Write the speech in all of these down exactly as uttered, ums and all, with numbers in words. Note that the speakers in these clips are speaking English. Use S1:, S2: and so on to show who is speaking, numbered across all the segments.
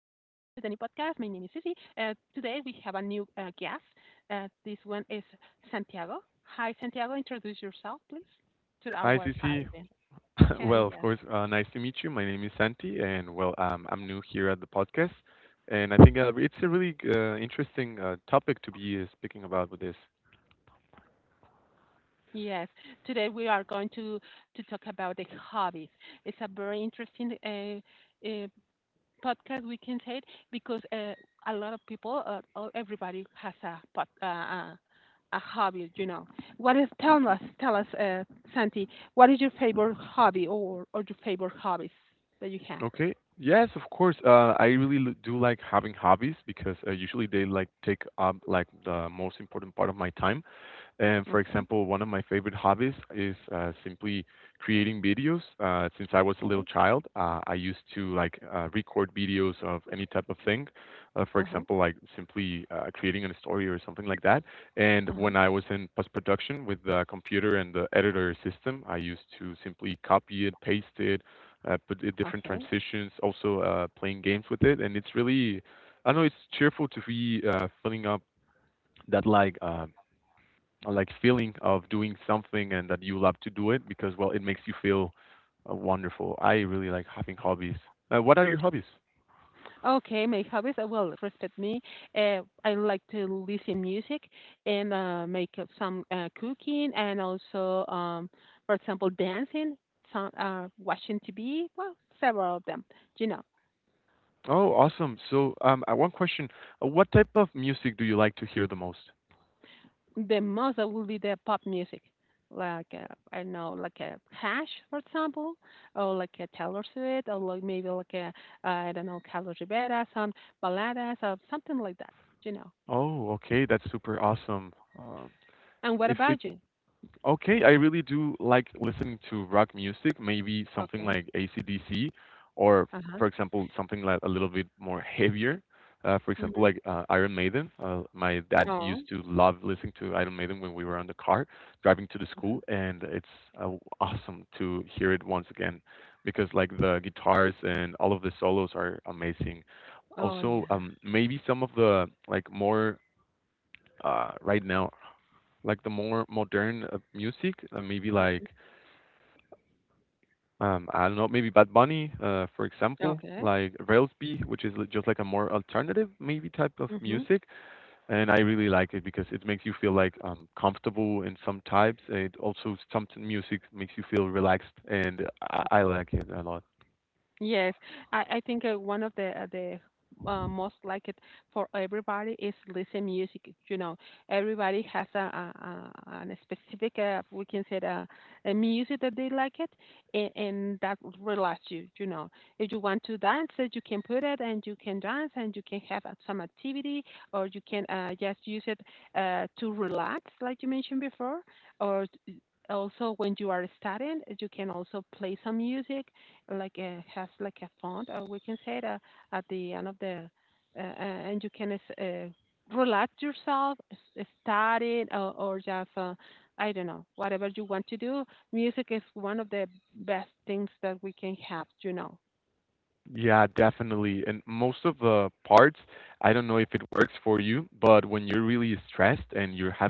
S1: My name is Sissy. Uh, today we have a new uh, guest. Uh, this one is Santiago. Hi, Santiago. Introduce yourself, please, to our audience. Yeah, yes. Yes, today we are going to, to talk about the hobbies. It's a very interesting uh, uh, podcast, we can say it, because uh, a lot of people, uh, or everybody has a pod, uh, uh, a hobby. you know what is tell us tell us, uh, santi, what is your favorite hobby, or or your favorite hobbies that you have? Okay. Okay. Uh-huh. Uh-huh. Okay. Okay, my hobbies, uh, well, respect me. Uh, I like to listen music, and uh, make up some uh, cooking, and also, um, for example, dancing, some, uh, watching T V, well, several of them. You know, the most uh, will be the pop music, like, uh, I don't know, like a Hash, for example, or like a Taylor Swift, or like maybe like a, uh, I don't know, Carlos Rivera, some baladas, or something like that, you know. And what about you? Okay. Uh-huh. Mm-hmm. Oh. Oh yeah. Okay. Okay. Mhm. Absolutely. Yes, I, I think uh, one of the uh, the uh, most like it for everybody is listen music. You know, everybody has a, a, a an specific, uh, we can say, a, a music that they like it, and, and that relax you. You know, if you want to dance, uh, you can put it and you can dance and you can have uh, some activity, or you can uh, just use it, uh, to relax, like you mentioned before, or t- also, when you are studying you can also play some music like a has like a font, or we can say that at the end of the, uh, uh, and you can uh, relax yourself, study, it, or, or just uh, I don't know, whatever you want to do. Music is one of the best things that we can have, you know.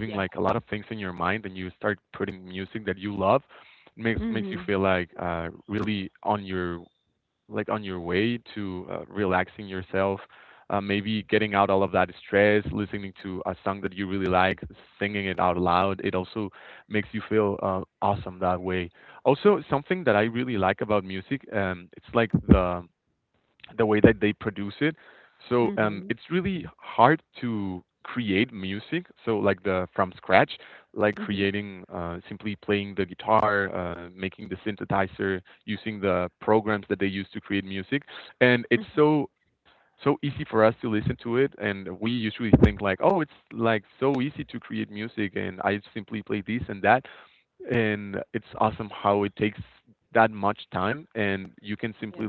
S1: Yeah. Mhm. Mhm. Mhm. Mhm. Yeah.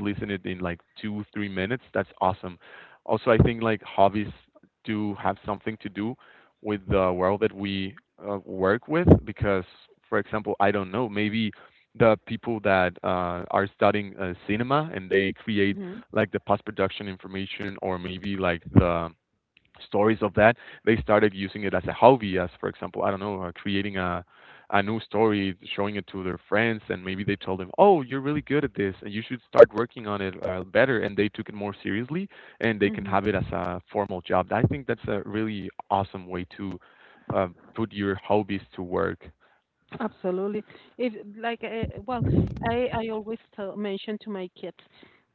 S1: Mhm. Mhm. Absolutely. If, like, uh, well, I I always tell, mention to my kids: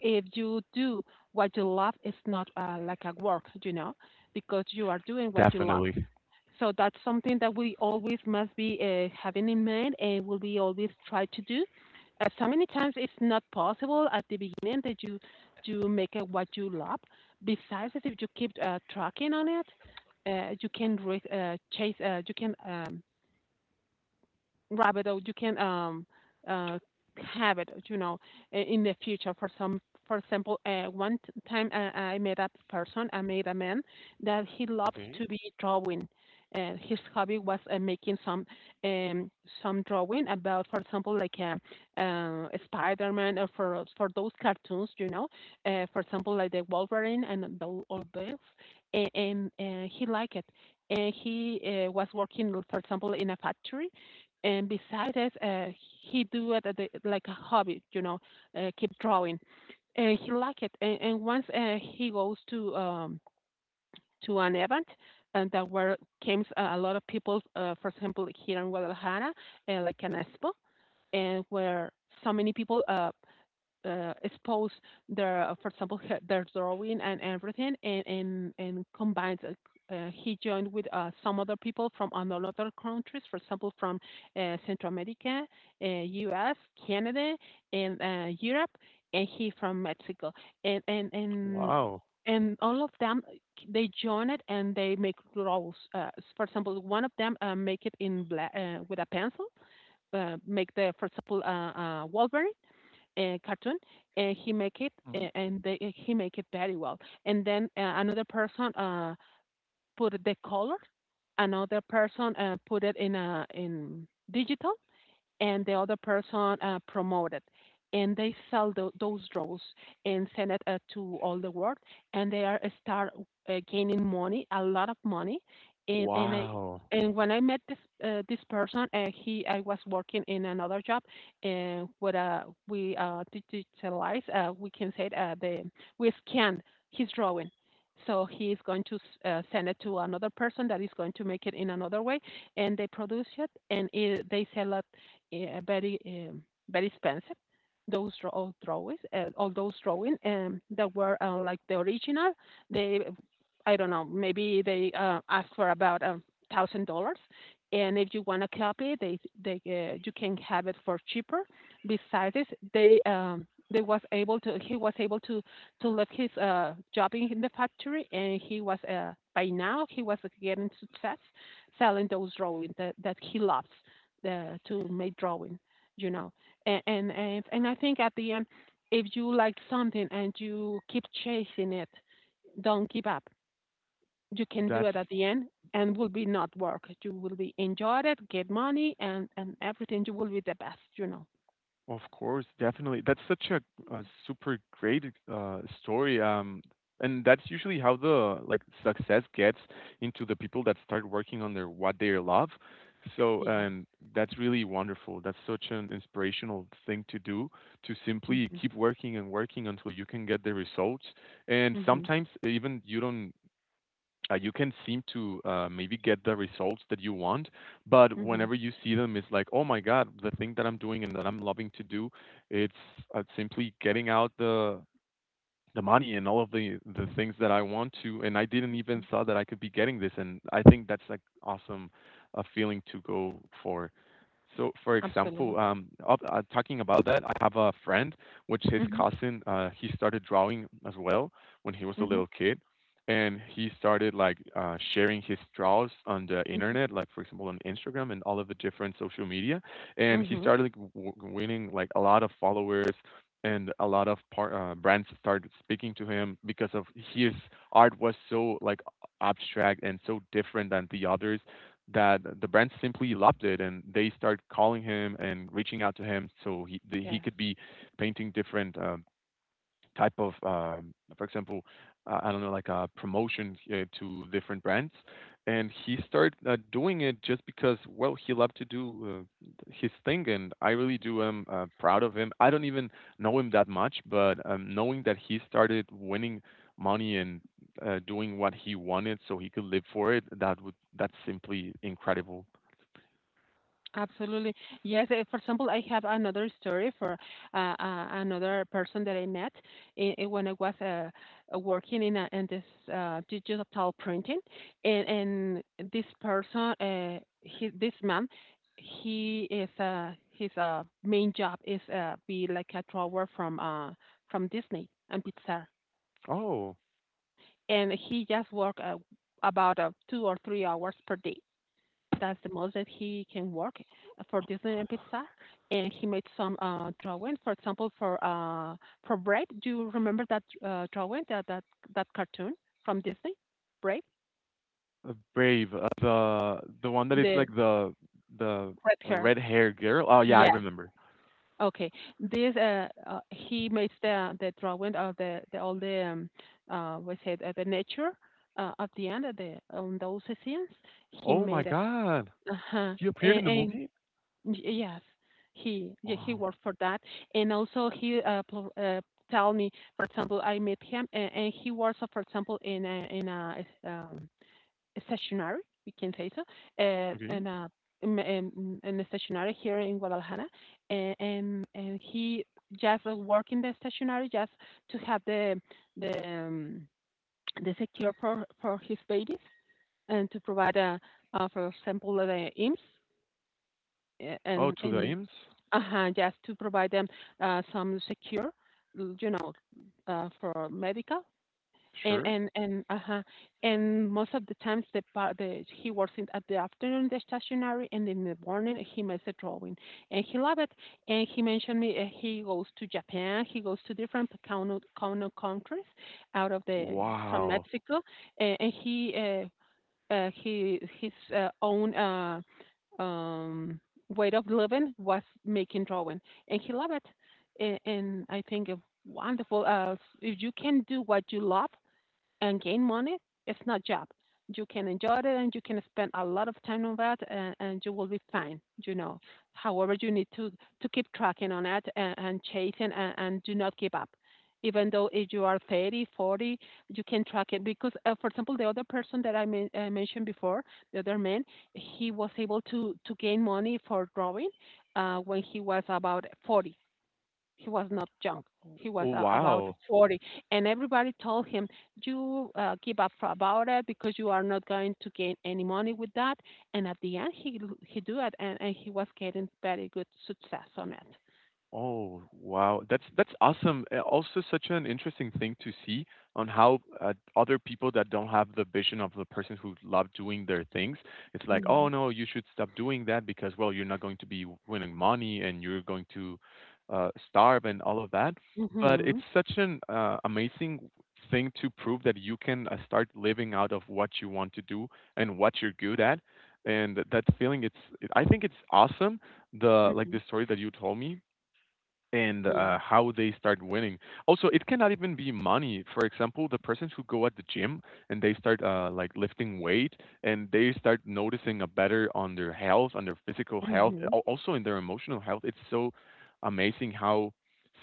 S1: if you do what you love, it's not uh, like a work, you know, because you are doing what you love. So that's something that we always must be uh, having in mind, and will be always try to do. Uh, so many times it's not possible at the beginning that you you make it what you love. Besides that, if you keep uh, tracking on it, uh, you can re- uh, chase. Uh, you can um, Rabbitoh, you can um uh have it, you know, i- in the future. For some, for example, uh, one t- time, uh, I met a person, I met a man that he loves to be drawing. Uh, his hobby was uh, making some um, some drawing about, for example, like uh, uh, Spider-Man, or for for those cartoons, you know, uh, for example, like the Wolverine and the, all this, and, and uh, he liked it, and he uh, was working, for example, in a factory, and besides that, uh, he do it at the, like a hobby, you know, uh, keep drawing, and he like it. And, and once, uh, he goes to um, to an event, and that where came uh, a lot of people, uh, for example, here in Guadalajara, uh, like an expo, and where so many people uh, uh, expose their, for example, their drawing and everything, and and and combines. Uh, uh, he joined with uh, some other people from another countries, for example, from uh, Central America, uh, U S, Canada, and uh, Europe, and he from Mexico, and and and
S2: Wow.
S1: and all of them, they join it and they make rolls. Uh, for example, one of them uh, make it in black, uh, with a pencil, uh, make the, for example, uh, uh, Wolverine, uh, cartoon, and he make it,
S2: Mhm.
S1: uh, and they, eh, he make it very well. And then uh, another person uh, put the color. Another person uh, put it in a in digital. And the other person uh, promoted. And they sell tho- those draws, and send it uh, to all the world, and they are uh, start uh, gaining money, a lot of money. And and I,
S2: Wow.
S1: and when I met this uh, this person, uh, he I was working in another job, and with uh we uh digitalize, uh we can say it, uh, the we scanned his drawing, so he is going to s- uh, send it to another person that is going to make it in another way, and they produce it, and it, they sell it uh, very um, very expensive. Those draw- all drawings, uh, all those drawings, um, that were uh, like the original. They I don't know, maybe they uh, asked for about a thousand dollars, and if you want a copy, they they uh, you can have it for cheaper. Besides this, they um, they was able to he was able to to leave his uh, job in in the factory, and he was uh, by now he was getting success, selling those drawings that, that he loves, uh, to make drawing, you know. And, and and and I think, at the end, if you like something and you keep chasing it, don't give up. You can do
S2: That's
S1: it at the end, and will be not work. You will be enjoy it, get money, and and everything. You will be the best, you know.
S2: of course, definitely. That's such a, a super great uh, story. Um, and that's usually how the like success gets into the people that start working on their what they love. So
S1: Yes.
S2: and that's really wonderful. That's such an inspirational thing to do to simply
S1: Mhm.
S2: keep working and working until you can get the results. And
S1: Mhm.
S2: sometimes even you don't uh, you can seem to uh, maybe get the results that you want, but
S1: Mhm.
S2: whenever you see them, it's like, oh my God, the thing that I'm doing and that I'm loving to do, it's uh, simply getting out the the money and all of the the things that I want to, and I didn't even thought that I could be getting this, and I think that's like awesome, a feeling to go for. So, for
S1: Absolutely.
S2: example, um, uh, talking about that, I have a friend, which his
S1: Mhm.
S2: cousin, uh, he started drawing as well when he was a
S1: Mhm.
S2: little kid, and he started like uh, sharing his draws on the
S1: Mhm.
S2: internet, like for example on Instagram and all of the different social media, and he
S1: Mhm.
S2: started like, w- winning like a lot of followers. And a lot of par- uh, brands started speaking to him because of his art was so like abstract and so different than the others that the brand simply loved it and they start calling him and reaching out to him so he the, he
S1: Yes.
S2: could be painting different uh, type of, um, for example, uh, I don't know, like a promotion uh, to different brands. And he started uh, doing it just because, well, he loved to do uh, his thing, and I really do am uh, proud of him. I don't even know him that much, but um, knowing that he started winning money and uh, doing what he wanted so he could live for it, that would that's simply incredible.
S1: Absolutely. Yes. eh, For example, I have another story for uh, uh, another person that I met, i i- when I was uh, uh, working in, a, in this uh, digital printing. And, and this person, uh, he, this man, he is uh, his uh, main job is uh, be like a drawer, from uh, from Disney and Pixar.
S2: Oh,
S1: And he just work uh, about uh, two or three hours per day. That's the most that he can work for Disney and Pixar. And he made some uh, drawings, for example, for uh, for Brave. Do you remember that uh, drawing, that, that that cartoon from Disney, Brave,
S2: uh, Brave, uh, the the one that is
S1: the
S2: like the the
S1: red hair?
S2: red hair girl. Oh yeah, I
S1: Yeah.
S2: remember.
S1: Okay. This uh, uh he makes the the drawing of the, the all the, um, uh we said, uh, the nature, uh, at the end of the on those scenes. He
S2: Oh my
S1: made it.
S2: god!
S1: Uh huh.
S2: He appeared in
S1: And,
S2: the
S1: and
S2: movie?
S1: Y- eh, Yes, he yeah he
S2: Wow.
S1: worked for that, and also he uh, pl- uh tell me, for example, I met him, and, and he works, uh, for example, in a in a um a stationery, we can say so, uh,
S2: Okay.
S1: in a in, in in a stationery here in Guadalajara, and and, and he just uh, work in the stationery, just to have the the um, the secure for for his babies, and to provide a, uh, for example, the I M S S. Uh,
S2: Oh,
S1: and
S2: to the
S1: and
S2: Ames?
S1: Uh-huh, yes, to provide them uh, some secure, l- you know, uh, for medical. And
S2: Sure.
S1: and and uh-huh. And most of the times, the pa- the he works in at the afternoon, the stationery, and in the morning he makes a drawing, and he loved it. And he mentioned me, uh, he goes to Japan, he goes to different cono cono countries out of the from
S2: Wow.
S1: Mexico, and, and he uh, uh, he, his uh, own, uh, um, way of living was making drawing, and he loved it. And, and I think it's wonderful. Uh, if you can do what you love, and gain money, it's not job. You can enjoy it, and you can spend a lot of time on that, and, and you will be fine, you know. However, you need to, to keep tracking on it, and, and chasing, and, and do not give up. Even though, if you are thirty, forty, you can track it, because, uh, for example, the other person that I, men- I mentioned before, the other man, he was able to, to gain money for drawing, uh, when he was about forty. He was not young. He was
S2: Oh,
S1: uh, about
S2: wow.
S1: forty, and everybody told him, "You, uh, give up about it, because you are not going to gain any money with that." And at the end, he he do it, and, and he was getting very good success on it.
S2: Oh, wow. That's that's awesome. Uh, Also such an interesting thing to see on how uh, other people that don't have the vision of the person who love doing their things, it's like, "Oh
S1: Mhm.
S2: no, you should stop doing that because well, you're not going to be winning money and you're going to uh, starve and all of that." But
S1: Mhm.
S2: it's such an uh, amazing thing to prove that you can uh, start living out of what you want to do and what you're good at. And that feeling, it's, I think it's awesome the like the
S1: Mhm.
S2: story that you told me and
S1: Yeah.
S2: uh, how they start winning. Also, it cannot even be money. For example, the persons who go at the gym and they start uh, like lifting weight and they start noticing a better on their health, on their physical health,
S1: Mhm.
S2: al- also in their emotional health. It's so amazing how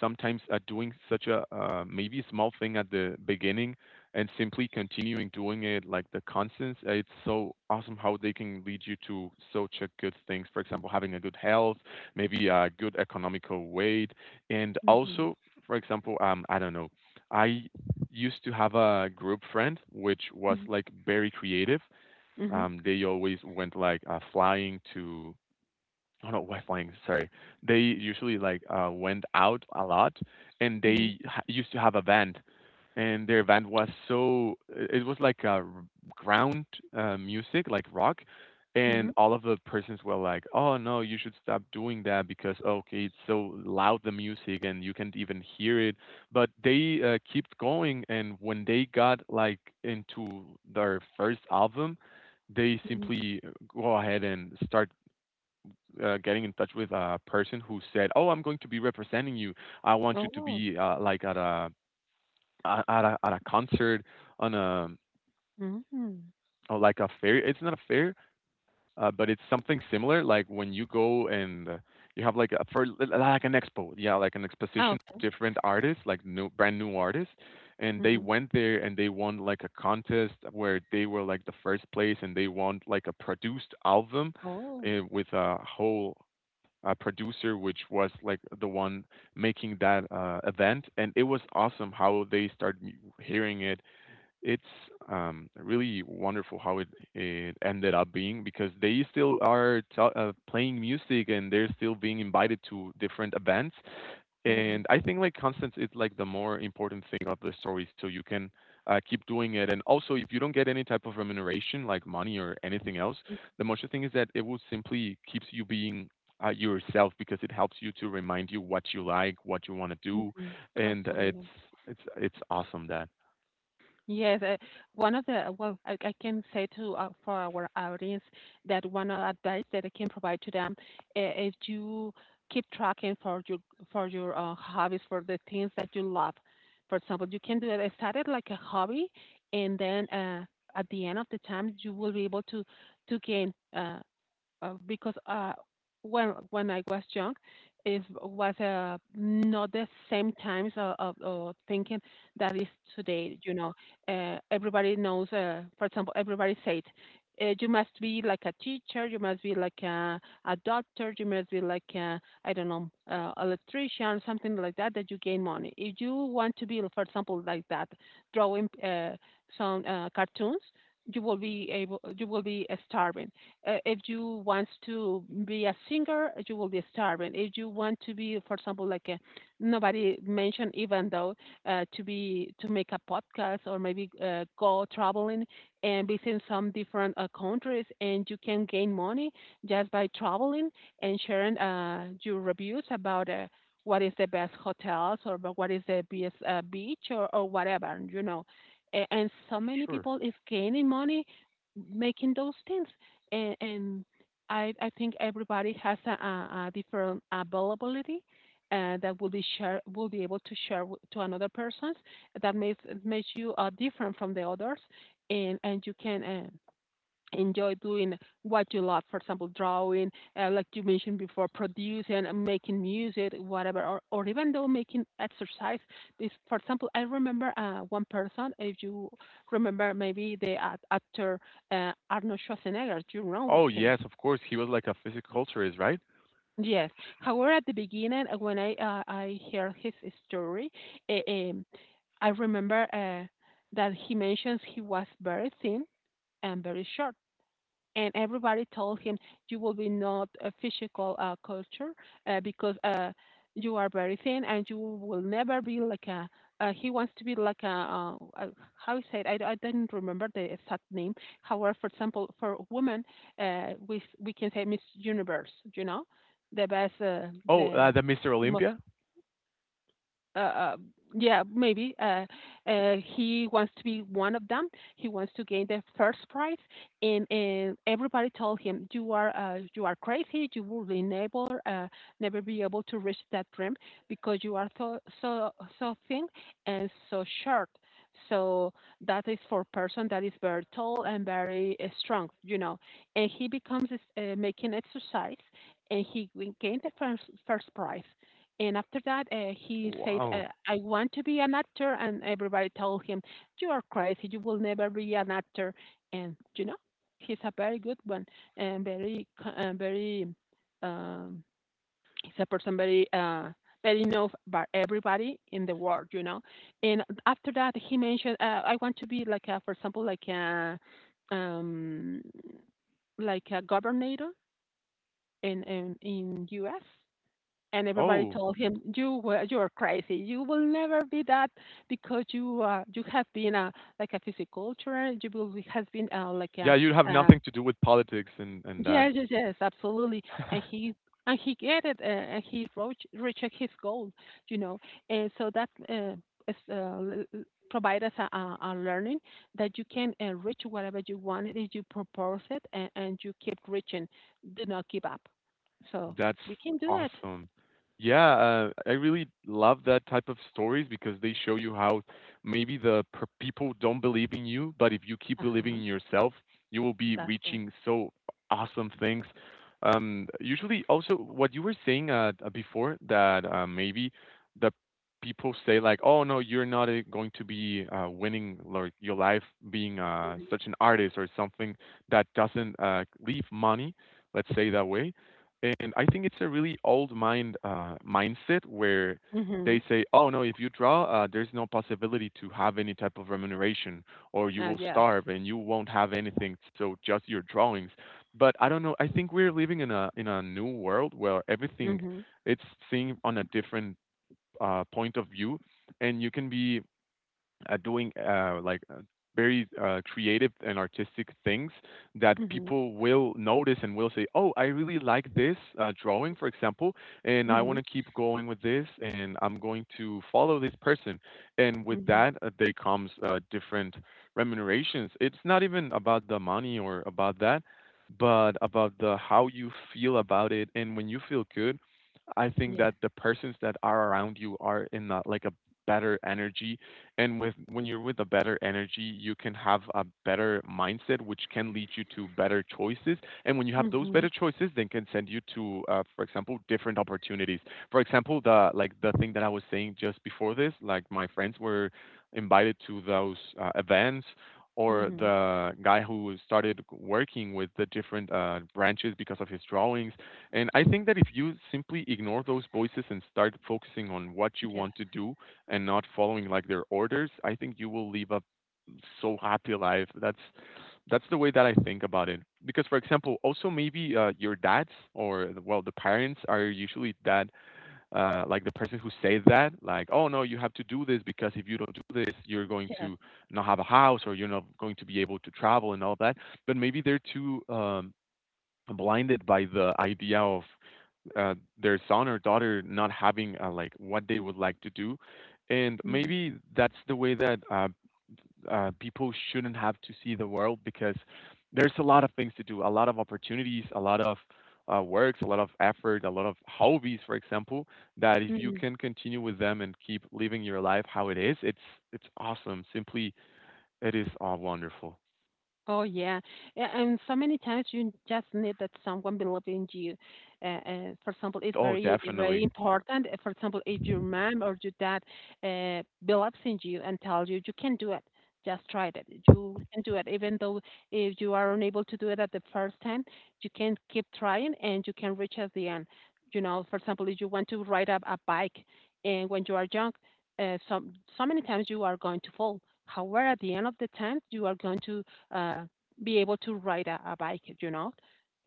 S2: sometimes uh, doing such a uh, maybe small thing at the beginning and simply continuing doing it like the constants uh, it's so awesome how they can lead you to such a good things for example having a good health maybe a good economical way and
S1: Mhm.
S2: also, for example, um, I don't know, I used to have a group friend which was
S1: Mhm.
S2: like very creative.
S1: Mhm.
S2: Um, they always went like uh, flying to Oh, no, West Wings. Sorry. They usually like uh, went out a lot, and
S1: Mhm.
S2: they ha- used to have a band, and their band was so i- it was like a r- ground uh, music, like rock, and
S1: Mhm.
S2: all of the persons were like, "Oh no, you should stop doing that because okay, it's so loud the music and you can't even hear it." But they uh, kept going, and when they got like into their first album, they
S1: Mhm.
S2: simply uh, go ahead and start uh, getting in touch with a person who said, "Oh, I'm going to be representing you. I want you to
S1: Oh.
S2: be uh, like at a at a, at a concert on a
S1: Mhm.
S2: or like a fair. It's not a fair, uh, but it's something similar. Like when you go and uh, you have like a for like an expo, yeah, like an exposition,
S1: Okay.
S2: different artists, like new brand new artists." And they
S1: Mhm.
S2: went there and they won like a contest where they were like the first place and they won like a produced album
S1: Oh.
S2: uh, with a whole uh, producer, which was like the one making that uh, event, and it was awesome how they started hearing it. It's um, really wonderful how it, it ended up being because they still are t- uh, playing music and they're still being invited to different events,
S1: Uh-huh.
S2: and I think like constants, is like the more important thing of the story so you can uh, keep doing it and also if you don't get any type of remuneration like money or anything else
S1: Mhm.
S2: the most thing is that it will simply keeps you being uh, yourself because it helps you to remind you what you like what you want to do
S1: Mhm.
S2: and it's
S1: Absolutely.
S2: it's it's awesome that
S1: Yes, uh, one of the well, I, I can say to uh, for our audience that one of advice that I can provide to them, uh, is you keep tracking for your, for your uh, hobbies, for the things that you love. For example, you can do it. It started like a hobby, and then uh, at the end of the time, you will be able to to gain. Uh, uh, because uh, when when I was young, it was uh, not the same times of, of, of thinking that is today. You know, uh, everybody knows. Uh, for example, everybody said. Uh, you must be like a teacher. You must be like a, a doctor. You must be like a, I don't know, uh, electrician, something like that. That you gain money. If you want to be, for example, like that, drawing uh, some uh, cartoons, you will be able. You will be uh, starving. Uh, if you want to be a singer, you will be starving. If you want to be, for example, like a, nobody mentioned, even though uh, to be to make a podcast or maybe uh, go traveling and visit some different uh, countries, and you can gain money just by traveling and sharing uh, your reviews about. Uh, what is the best hotels or wh- what is the best uh, beach or, or whatever, you know. A- and so many
S2: sure.
S1: people is gaining money making those things, and, and I, I think everybody has a, a, a different availability uh, that will be share will be able to share to another persons that makes makes you uh, different from the others, and and you can uh, enjoy doing what you love, for example drawing, uh, like you mentioned before, producing and making music, whatever, or, or even though making exercise. This, for example, I remember uh, one person, if you remember maybe the act- actor uh, Arnold Schwarzenegger, you know, with
S2: Oh
S1: him.
S2: yes, of course he was like a physiculturist, right?
S1: Yes. However, at the beginning, uh, when I uh, I heard his story. uh, um, I remember uh, that he mentions he was very thin and very short. And everybody told him you will be not a physical uh, culture, uh, because uh, you are very thin and you will never be like a, uh, he wants to be like a, uh, a, how he said. I I d- I didn't remember the exact name. However, for example, for women, uh, we we can say Miss Universe, you know, the best, uh,
S2: Oh,
S1: the
S2: uh, the Mr.
S1: the most,
S2: Olympia.
S1: uh, uh, yeah, maybe uh, uh, he wants to be one of them. He wants to gain the first prize, and, and everybody told him, "You are uh, you are crazy. You will be never uh, never be able to reach that dream because you are so so so thin and so short." So that is for person that is very tall and very uh, strong, you know. And he becomes uh, making exercise, and he win- gained the first first prize, and after that, uh, he says, uh,
S2: Wow.
S1: I want to be an actor. And everybody told him, you are crazy. You will never be an actor. And, you know, he's a very good one and very, co- uh, very, um, he's a person very, uh, very known by everybody in the world, you know. And after that, he mentioned, uh, I want to be like, a, for example, like a, um, like a governor in, in, in U S, and everybody
S2: Oh
S1: told him, you were you are crazy, you will never be that, because you uh you have been a like a physiculturist, you will has been uh, like a,
S2: yeah, you have
S1: uh
S2: nothing to do with politics and and that.
S1: yes, yes, yes, absolutely. And he, and he get it, uh, and he reached reached his goal, you know. And so that uh, is, uh, l- l- provide us a, a, a learning that you can uh, reach whatever you want if you propose it, and, and you keep reaching, do not give up. So
S2: That's
S1: we can do it.
S2: awesome. Yeah, uh, I really love that type of stories because they show you how maybe the per people don't believe in you, but if you keep believing in
S1: Uh-huh.
S2: yourself, you will be
S1: That's correct.
S2: reaching so awesome things. Um, usually, also what you were saying uh, uh, before that uh, maybe the people say like, "Oh no, you're not uh, going to be uh, winning like your life being uh, such an artist or something that doesn't uh, leave money." Let's say that way and I think it's a really old mind uh, mindset where they
S1: Mhm.
S2: say, "Oh no, if you draw, uh, there's no possibility to have any type of remuneration, or you
S1: Uh,
S2: will
S1: yes.
S2: starve and you won't have anything. So just your drawings." But I don't know. I think we're living in a in a new world where everything
S1: Mhm.
S2: it's seen on a different uh, point of view, and you can be uh, doing uh, like uh, very uh, creative and artistic things that
S1: Mhm.
S2: people will notice and will say, "Oh, I really like this uh, drawing, for example, and I want
S1: Mhm.
S2: to keep going with this, and I'm going to follow this person." And with
S1: Mhm.
S2: that, uh, they comes uh, different remunerations. It's not even about the money or about that, but about the how you feel about it. And when you feel good, I think
S1: Yes.
S2: that the persons that are around you are in a, like a better energy and with when you're with a better energy you can have a better mindset which can lead you to better choices and when you have those
S1: Mhm.
S2: better choices then can send you to uh, for example different opportunities for example the like the thing that I was saying just before this like my friends were invited to those uh, events or
S1: Mhm.
S2: the guy who started working with the different uh, branches because of his drawings and I think that if you simply ignore those voices and start focusing on what you
S1: Yes.
S2: want to do and not following like their orders, I think you will live a so happy life. That's that's the way that I think about it. Because for example, also maybe uh, your dads or well the parents are usually that uh, like the person who say that like oh no you have to do this because if you don't do this you're going
S1: Yes.
S2: to not have a house or you're not going to be able to travel and all that. But maybe they're too um, blinded by the idea of uh, their son or daughter not having uh, like what they would like to do and
S1: Mhm.
S2: maybe that's the way that uh, uh, people shouldn't have to see the world because there's a lot of things to do a lot of opportunities a lot of uh, works a lot of effort a lot of hobbies for example that if you
S1: Mhm.
S2: can continue with them and keep living your life how it is it's it's awesome simply it is all wonderful.
S1: Oh yeah. A- and so many times you just need that someone believe in you. Uh, uh, for example, it's
S2: Oh
S1: very very
S2: definitely.
S1: important. uh, For example, if your mom or your dad uh, believes in you and tells you you can do it, just try it. You can do it, even though if you are unable to do it at the first time, you can keep trying and you can reach at the end. You know, for example, if you want to ride up a bike, and when you are young, uh, so so many times you are going to fall. However, at the end of the time, you are going to uh, be able to ride a, a bike, you know,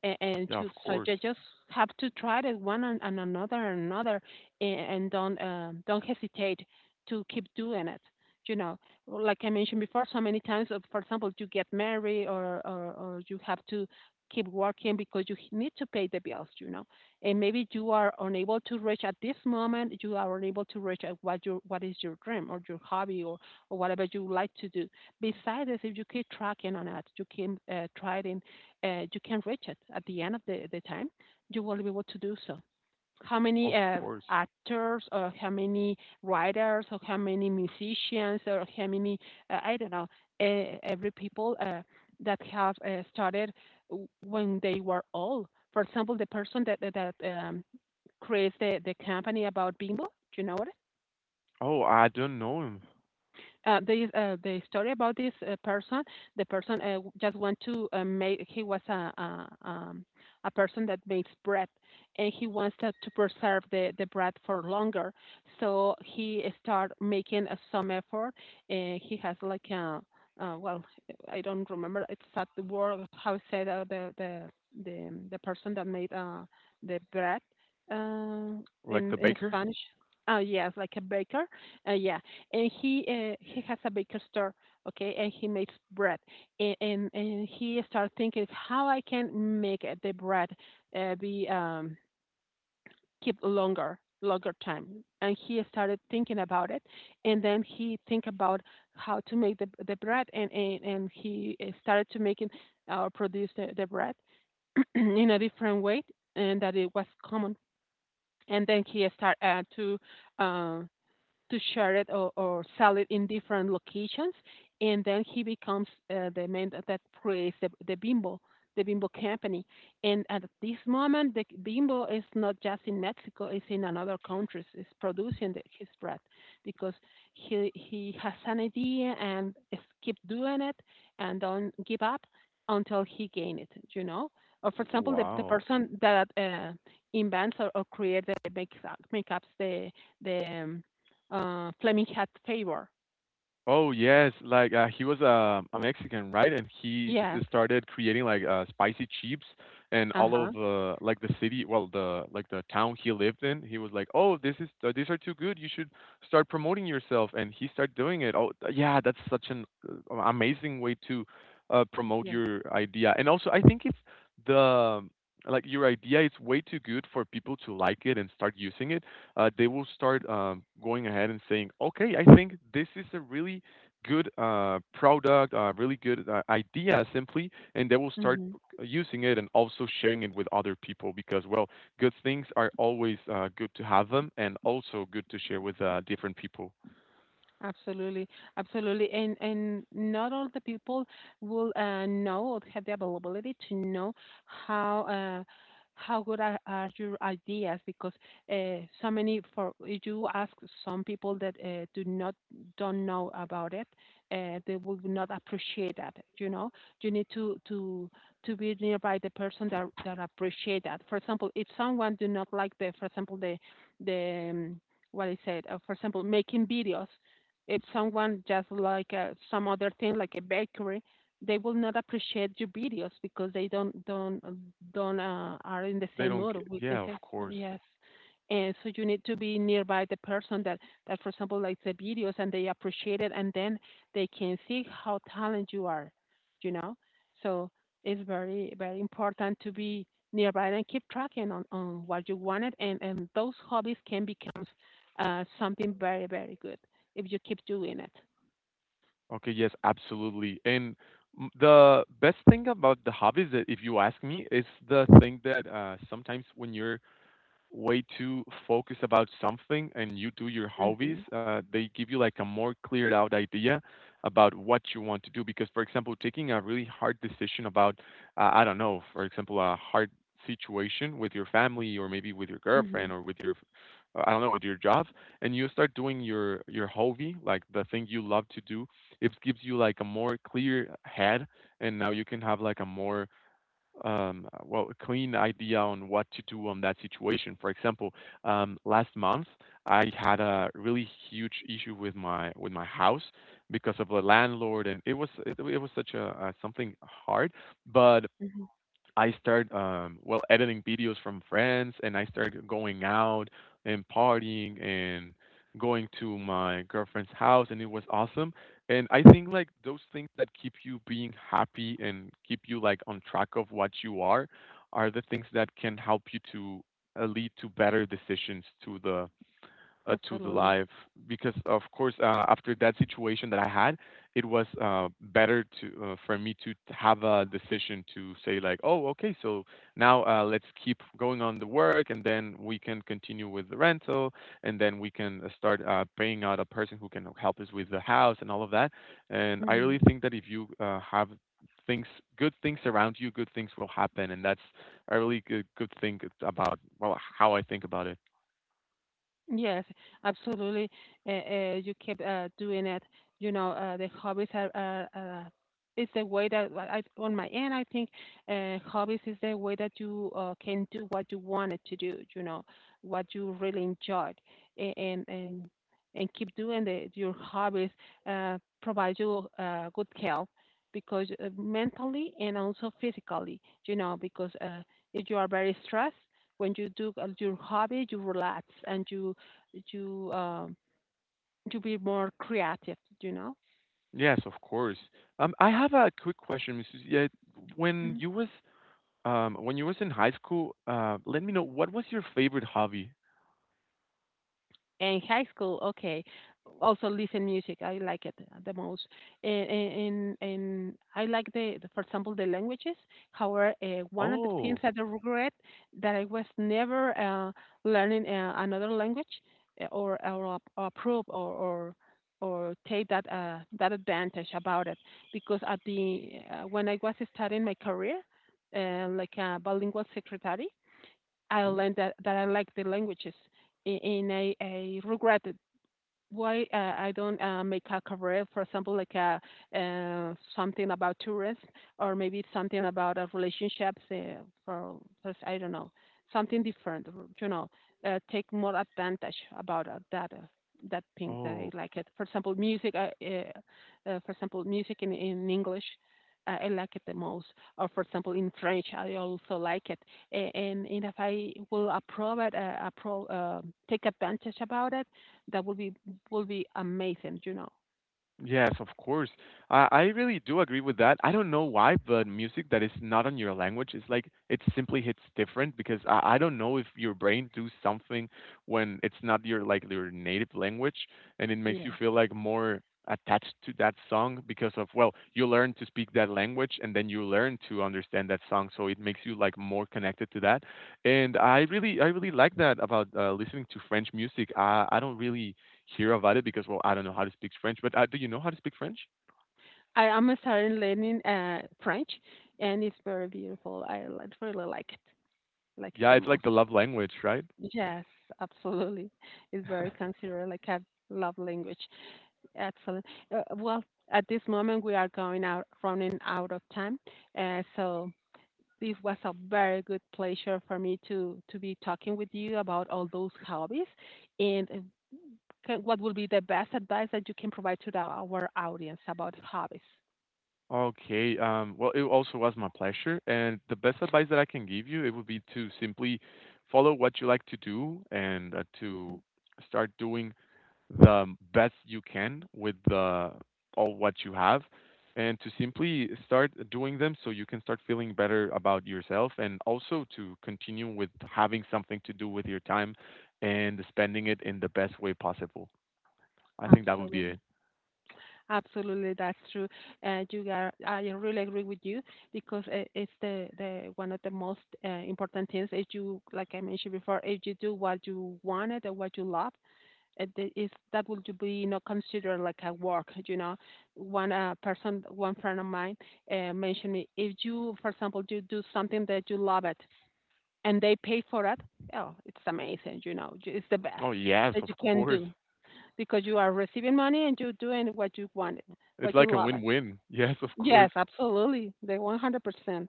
S1: and, and
S2: Yeah
S1: to
S2: of
S1: so
S2: course.
S1: you just have to try it one, and, and another and another, and, and don't um, don't hesitate to keep doing it. You know, like I mentioned before, so many times, uh, for example, you get married, or, or, or you have to keep working because you need to pay the bills, you know, and maybe you are unable to reach at this moment, you are unable to reach at what your what is your dream or your hobby or, or whatever you like to do. Besides this, if you keep tracking on it, you keep uh, trying, uh, you can reach it at the end of the, the time, you will be able to do so. How many
S2: Of
S1: uh,
S2: course.
S1: actors, or how many writers, or how many musicians, or how many, uh, I don't know, uh, every people uh, that have uh, started when they were old. For example, the person that, that, that um, creates the, the company about bingo, do you know what?
S2: Oh I don't know him.
S1: Uh, there is uh, the story about this uh, person. The person uh, w- just want to uh, make. He was a a, um, a person that makes bread, and he wants to, to preserve the, the bread for longer. So he start making uh, some effort, and he has like a uh, well, I don't remember exact word how said uh, the the the um, the person that made uh, the bread, uh,
S2: Like
S1: in
S2: the
S1: in
S2: baker.
S1: Spanish. Uh, yes, like a baker. Uh, yeah, and he uh, he has a baker store, okay, and he makes bread, and and, and he started thinking how I can make uh, the bread uh, be um, keep longer longer time, and he started thinking about it, and then he think about how to make the, the bread, and, and and he uh, started to making or uh, produce the, the bread in a different way, and that it was common, and then he started uh, to uh, to share it, or, or sell it in different locations. And then he becomes uh, the man that, that creates the, the Bimbo, the Bimbo company. And at this moment, the Bimbo is not just in Mexico; it's in another countries. It's producing the, his bread, because he he has an idea and is keep doing it and don't give up until he gain it, you know. Or for example, the, the
S2: Wow.
S1: person that uh, invents or, or creates the makeup, makeups the the um, uh, Flaming Cat Favor.
S2: Oh yes, like uh, he was uh, a Mexican, right? And he
S1: Yes.
S2: s- started creating like uh, spicy chips and all
S1: Uh-huh.
S2: of uh, like the city, well, the like the town he lived in. He was like, "Oh, this is uh, these are too good. You should start promoting yourself." And he started doing it. Oh, th- yeah, that's such an uh, amazing way to uh, promote
S1: Yes.
S2: your idea. And also, I think it's the like your idea is way too good for people to like it and start using it uh, They will start um, going ahead and saying, okay, I think this is a really good uh, product, uh, really good uh, idea, simply, and they will start
S1: Hmm.
S2: uh, using it and also sharing it with other people because, well, good things are always uh, good to have them and also good to share with uh, different people.
S1: Absolutely, absolutely, and and not all the people will uh, know or have the availability to know how uh, how good are, are your ideas, because uh, so many for if you ask some people that uh, do not don't know about it, uh, they will not appreciate that. You know, you need to to to be nearby the person that that appreciate that. For example, if someone do not like the, for example, the the um, what I said, uh, for example, making videos, if someone just like uh, some other thing like a bakery, they will not appreciate your videos, because they don't don't don't uh, are in the
S2: They
S1: same
S2: don't
S1: mood,
S2: get,
S1: we can
S2: yeah,
S1: say.
S2: of
S1: Uh,
S2: course.
S1: yes. And so you need to be nearby the person that, that, for example, likes the videos and they appreciate it, and then they can see how talented you are, you know. So it's very very important to be nearby and keep tracking on, on what you wanted, and and those hobbies can become uh, something very very good if you keep doing it.
S2: Okay, yes, absolutely. And m- the best thing about the hobbies, that if you ask me, is the thing that uh, sometimes when you're way to focus about something and you do your hobbies,
S1: Mhm.
S2: uh, they give you like a more cleared out idea about what you want to do. Because, for example, taking a really hard decision about, uh, I don't know, for example, a hard situation with your family or maybe with your girlfriend
S1: Mhm.
S2: or with your, I don't know, with your job, and you start doing your your hobby, like the thing you love to do, it gives you like a more clear head, and now you can have like a more um, uh, well, a clean idea on what to do on that situation. For example, um, last month I had a really huge issue with my with my house because of the landlord, and it was it, it was such a, a something hard. But
S1: Mhm.
S2: I started, um, well, editing videos from friends, and I started going out and partying and going to my girlfriend's house, and it was awesome. And I think like those things that keep you being happy and keep you like on track of what you are, are the things that can help you to uh, lead to better decisions to the uh, to the
S1: Absolutely.
S2: live. Because of course uh, after that situation that I had, it was uh, better to, uh, for me to have a decision to say like, oh, okay, so now uh, let's keep going on the work, and then we can continue with the rental, and then we can uh, start uh, paying out a person who can help us with the house and all of that. And I
S1: Mhm.
S2: really think that if you uh, have things, good things around you, good things will happen, and that's a really good good thing about, well, how I think about it.
S1: Yes, absolutely. Uh, uh, you keep uh, doing it. You know, uh, the hobbies are, are, are it's the way that what I, on my end, I think, uh, hobbies is the way that you uh, can do what you wanted to do. You know, what you really enjoyed. A- and and and keep doing the, your hobbies. Uh, provide you uh, good health, because uh, mentally and also physically. You know, because uh, if you are very stressed, when you do uh, your hobby, you relax and you to um, to be more creative, you know.
S2: Yes, of course. Um, I have a quick question, missus Yeah, when
S1: Mhm.
S2: you was um when you was in high school, uh, let me know, what was your favorite hobby?
S1: And high school, okay, also listen music. I like it the most, and and, and I like the, the, for example, the languages. However, uh, one of the things
S2: Oh,
S1: that I regret that I was never uh, learning uh, another language, uh, or or ap- approve or or or take that uh, that advantage about it, because at the uh, when I was starting my career, uh, like a bilingual secretary. I
S2: okay.
S1: learned that, that I like the languages in, in a, a regret why uh, I don't uh, make a career, for example, like a, uh, something about tourism, or maybe something about uh, relationships, uh, for, for s- I don't know, something different, r- you know, uh, take more advantage about uh, that uh, that thing that I
S2: Oh,
S1: like it. For example, music, uh, uh, uh, for example, music in, in English. I I like it the most, or for example, in French, I also like it. A- And, and if I will approve it, uh, approve, uh, take advantage about it, that would be will be amazing, you know.
S2: yes, of course. I, I really do agree with that. I don't know why, but music that is not on your language is like it simply hits different, because I, I don't know if your brain does something when it's not your like your native language, and it makes you
S1: Yes.
S2: feel like more attached to that song, because, of well, you learn to speak that language and then you learn to understand that song, so it makes you like more connected to that. And I really I really like that about uh, listening to French music. I I don't really hear about it because, well, I don't know how to speak French, but uh, do you know how to speak French?
S1: I am starting learning uh, French, and it's very beautiful. I li- really like it, like it
S2: Yeah,
S1: the
S2: it's like
S1: most.
S2: the love language, right?
S1: Yes, absolutely. It's very considered like a love language. Excellent. Uh, well, at this moment we are going out, running out of time. Uh, so this was a very good pleasure for me to to be talking with you about all those hobbies, and okay, what would be the best advice that you can provide to the, our audience about hobbies?
S2: Okay. Um, well, it also was my pleasure, and the best advice that I can give you, it would be to simply follow what you like to do and uh, to start doing the best you can with the all what you have, and to simply start doing them so you can start feeling better about yourself, and also to continue with having something to do with your time and spending it in the best way possible. I think that would be it.
S1: Absolutely, absolutely, that's true. And you are, I really agree with you, because i- it's the, the one of the most uh, important things is you, like I mentioned before, if you do what you wanted and what you love, it the- is that will to be not considered like a work. You know, one uh, person, one friend of mine uh, mentioned me, if you, for example, you do something that you love it, and they pay for it. Oh, it's amazing, you know, j- it's the best
S2: Oh, yes,
S1: that
S2: of
S1: you can
S2: course.
S1: do, because you are receiving money and you're doing what you wanted,
S2: It's
S1: what
S2: like
S1: you
S2: a
S1: love it.
S2: win-win. Yes, of course.
S1: Yes, absolutely, the one hundred percent.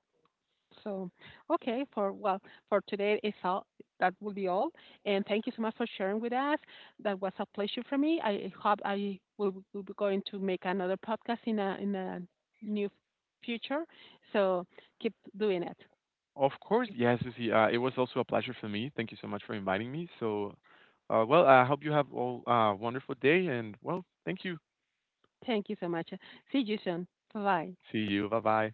S1: So, okay, for well, for today is all. That will be all. And thank you so much for sharing with us. That was a pleasure for me. I hope I will, will be going to make another podcast in a in a new future. So keep doing it.
S2: Of course, yes, Susie. Uh, it was also a pleasure for me. Thank you so much for inviting me. So, uh, well, I hope you have all a wonderful day and, well, thank you.
S1: Thank you so much. See you soon. Bye bye.
S2: See you. Bye bye.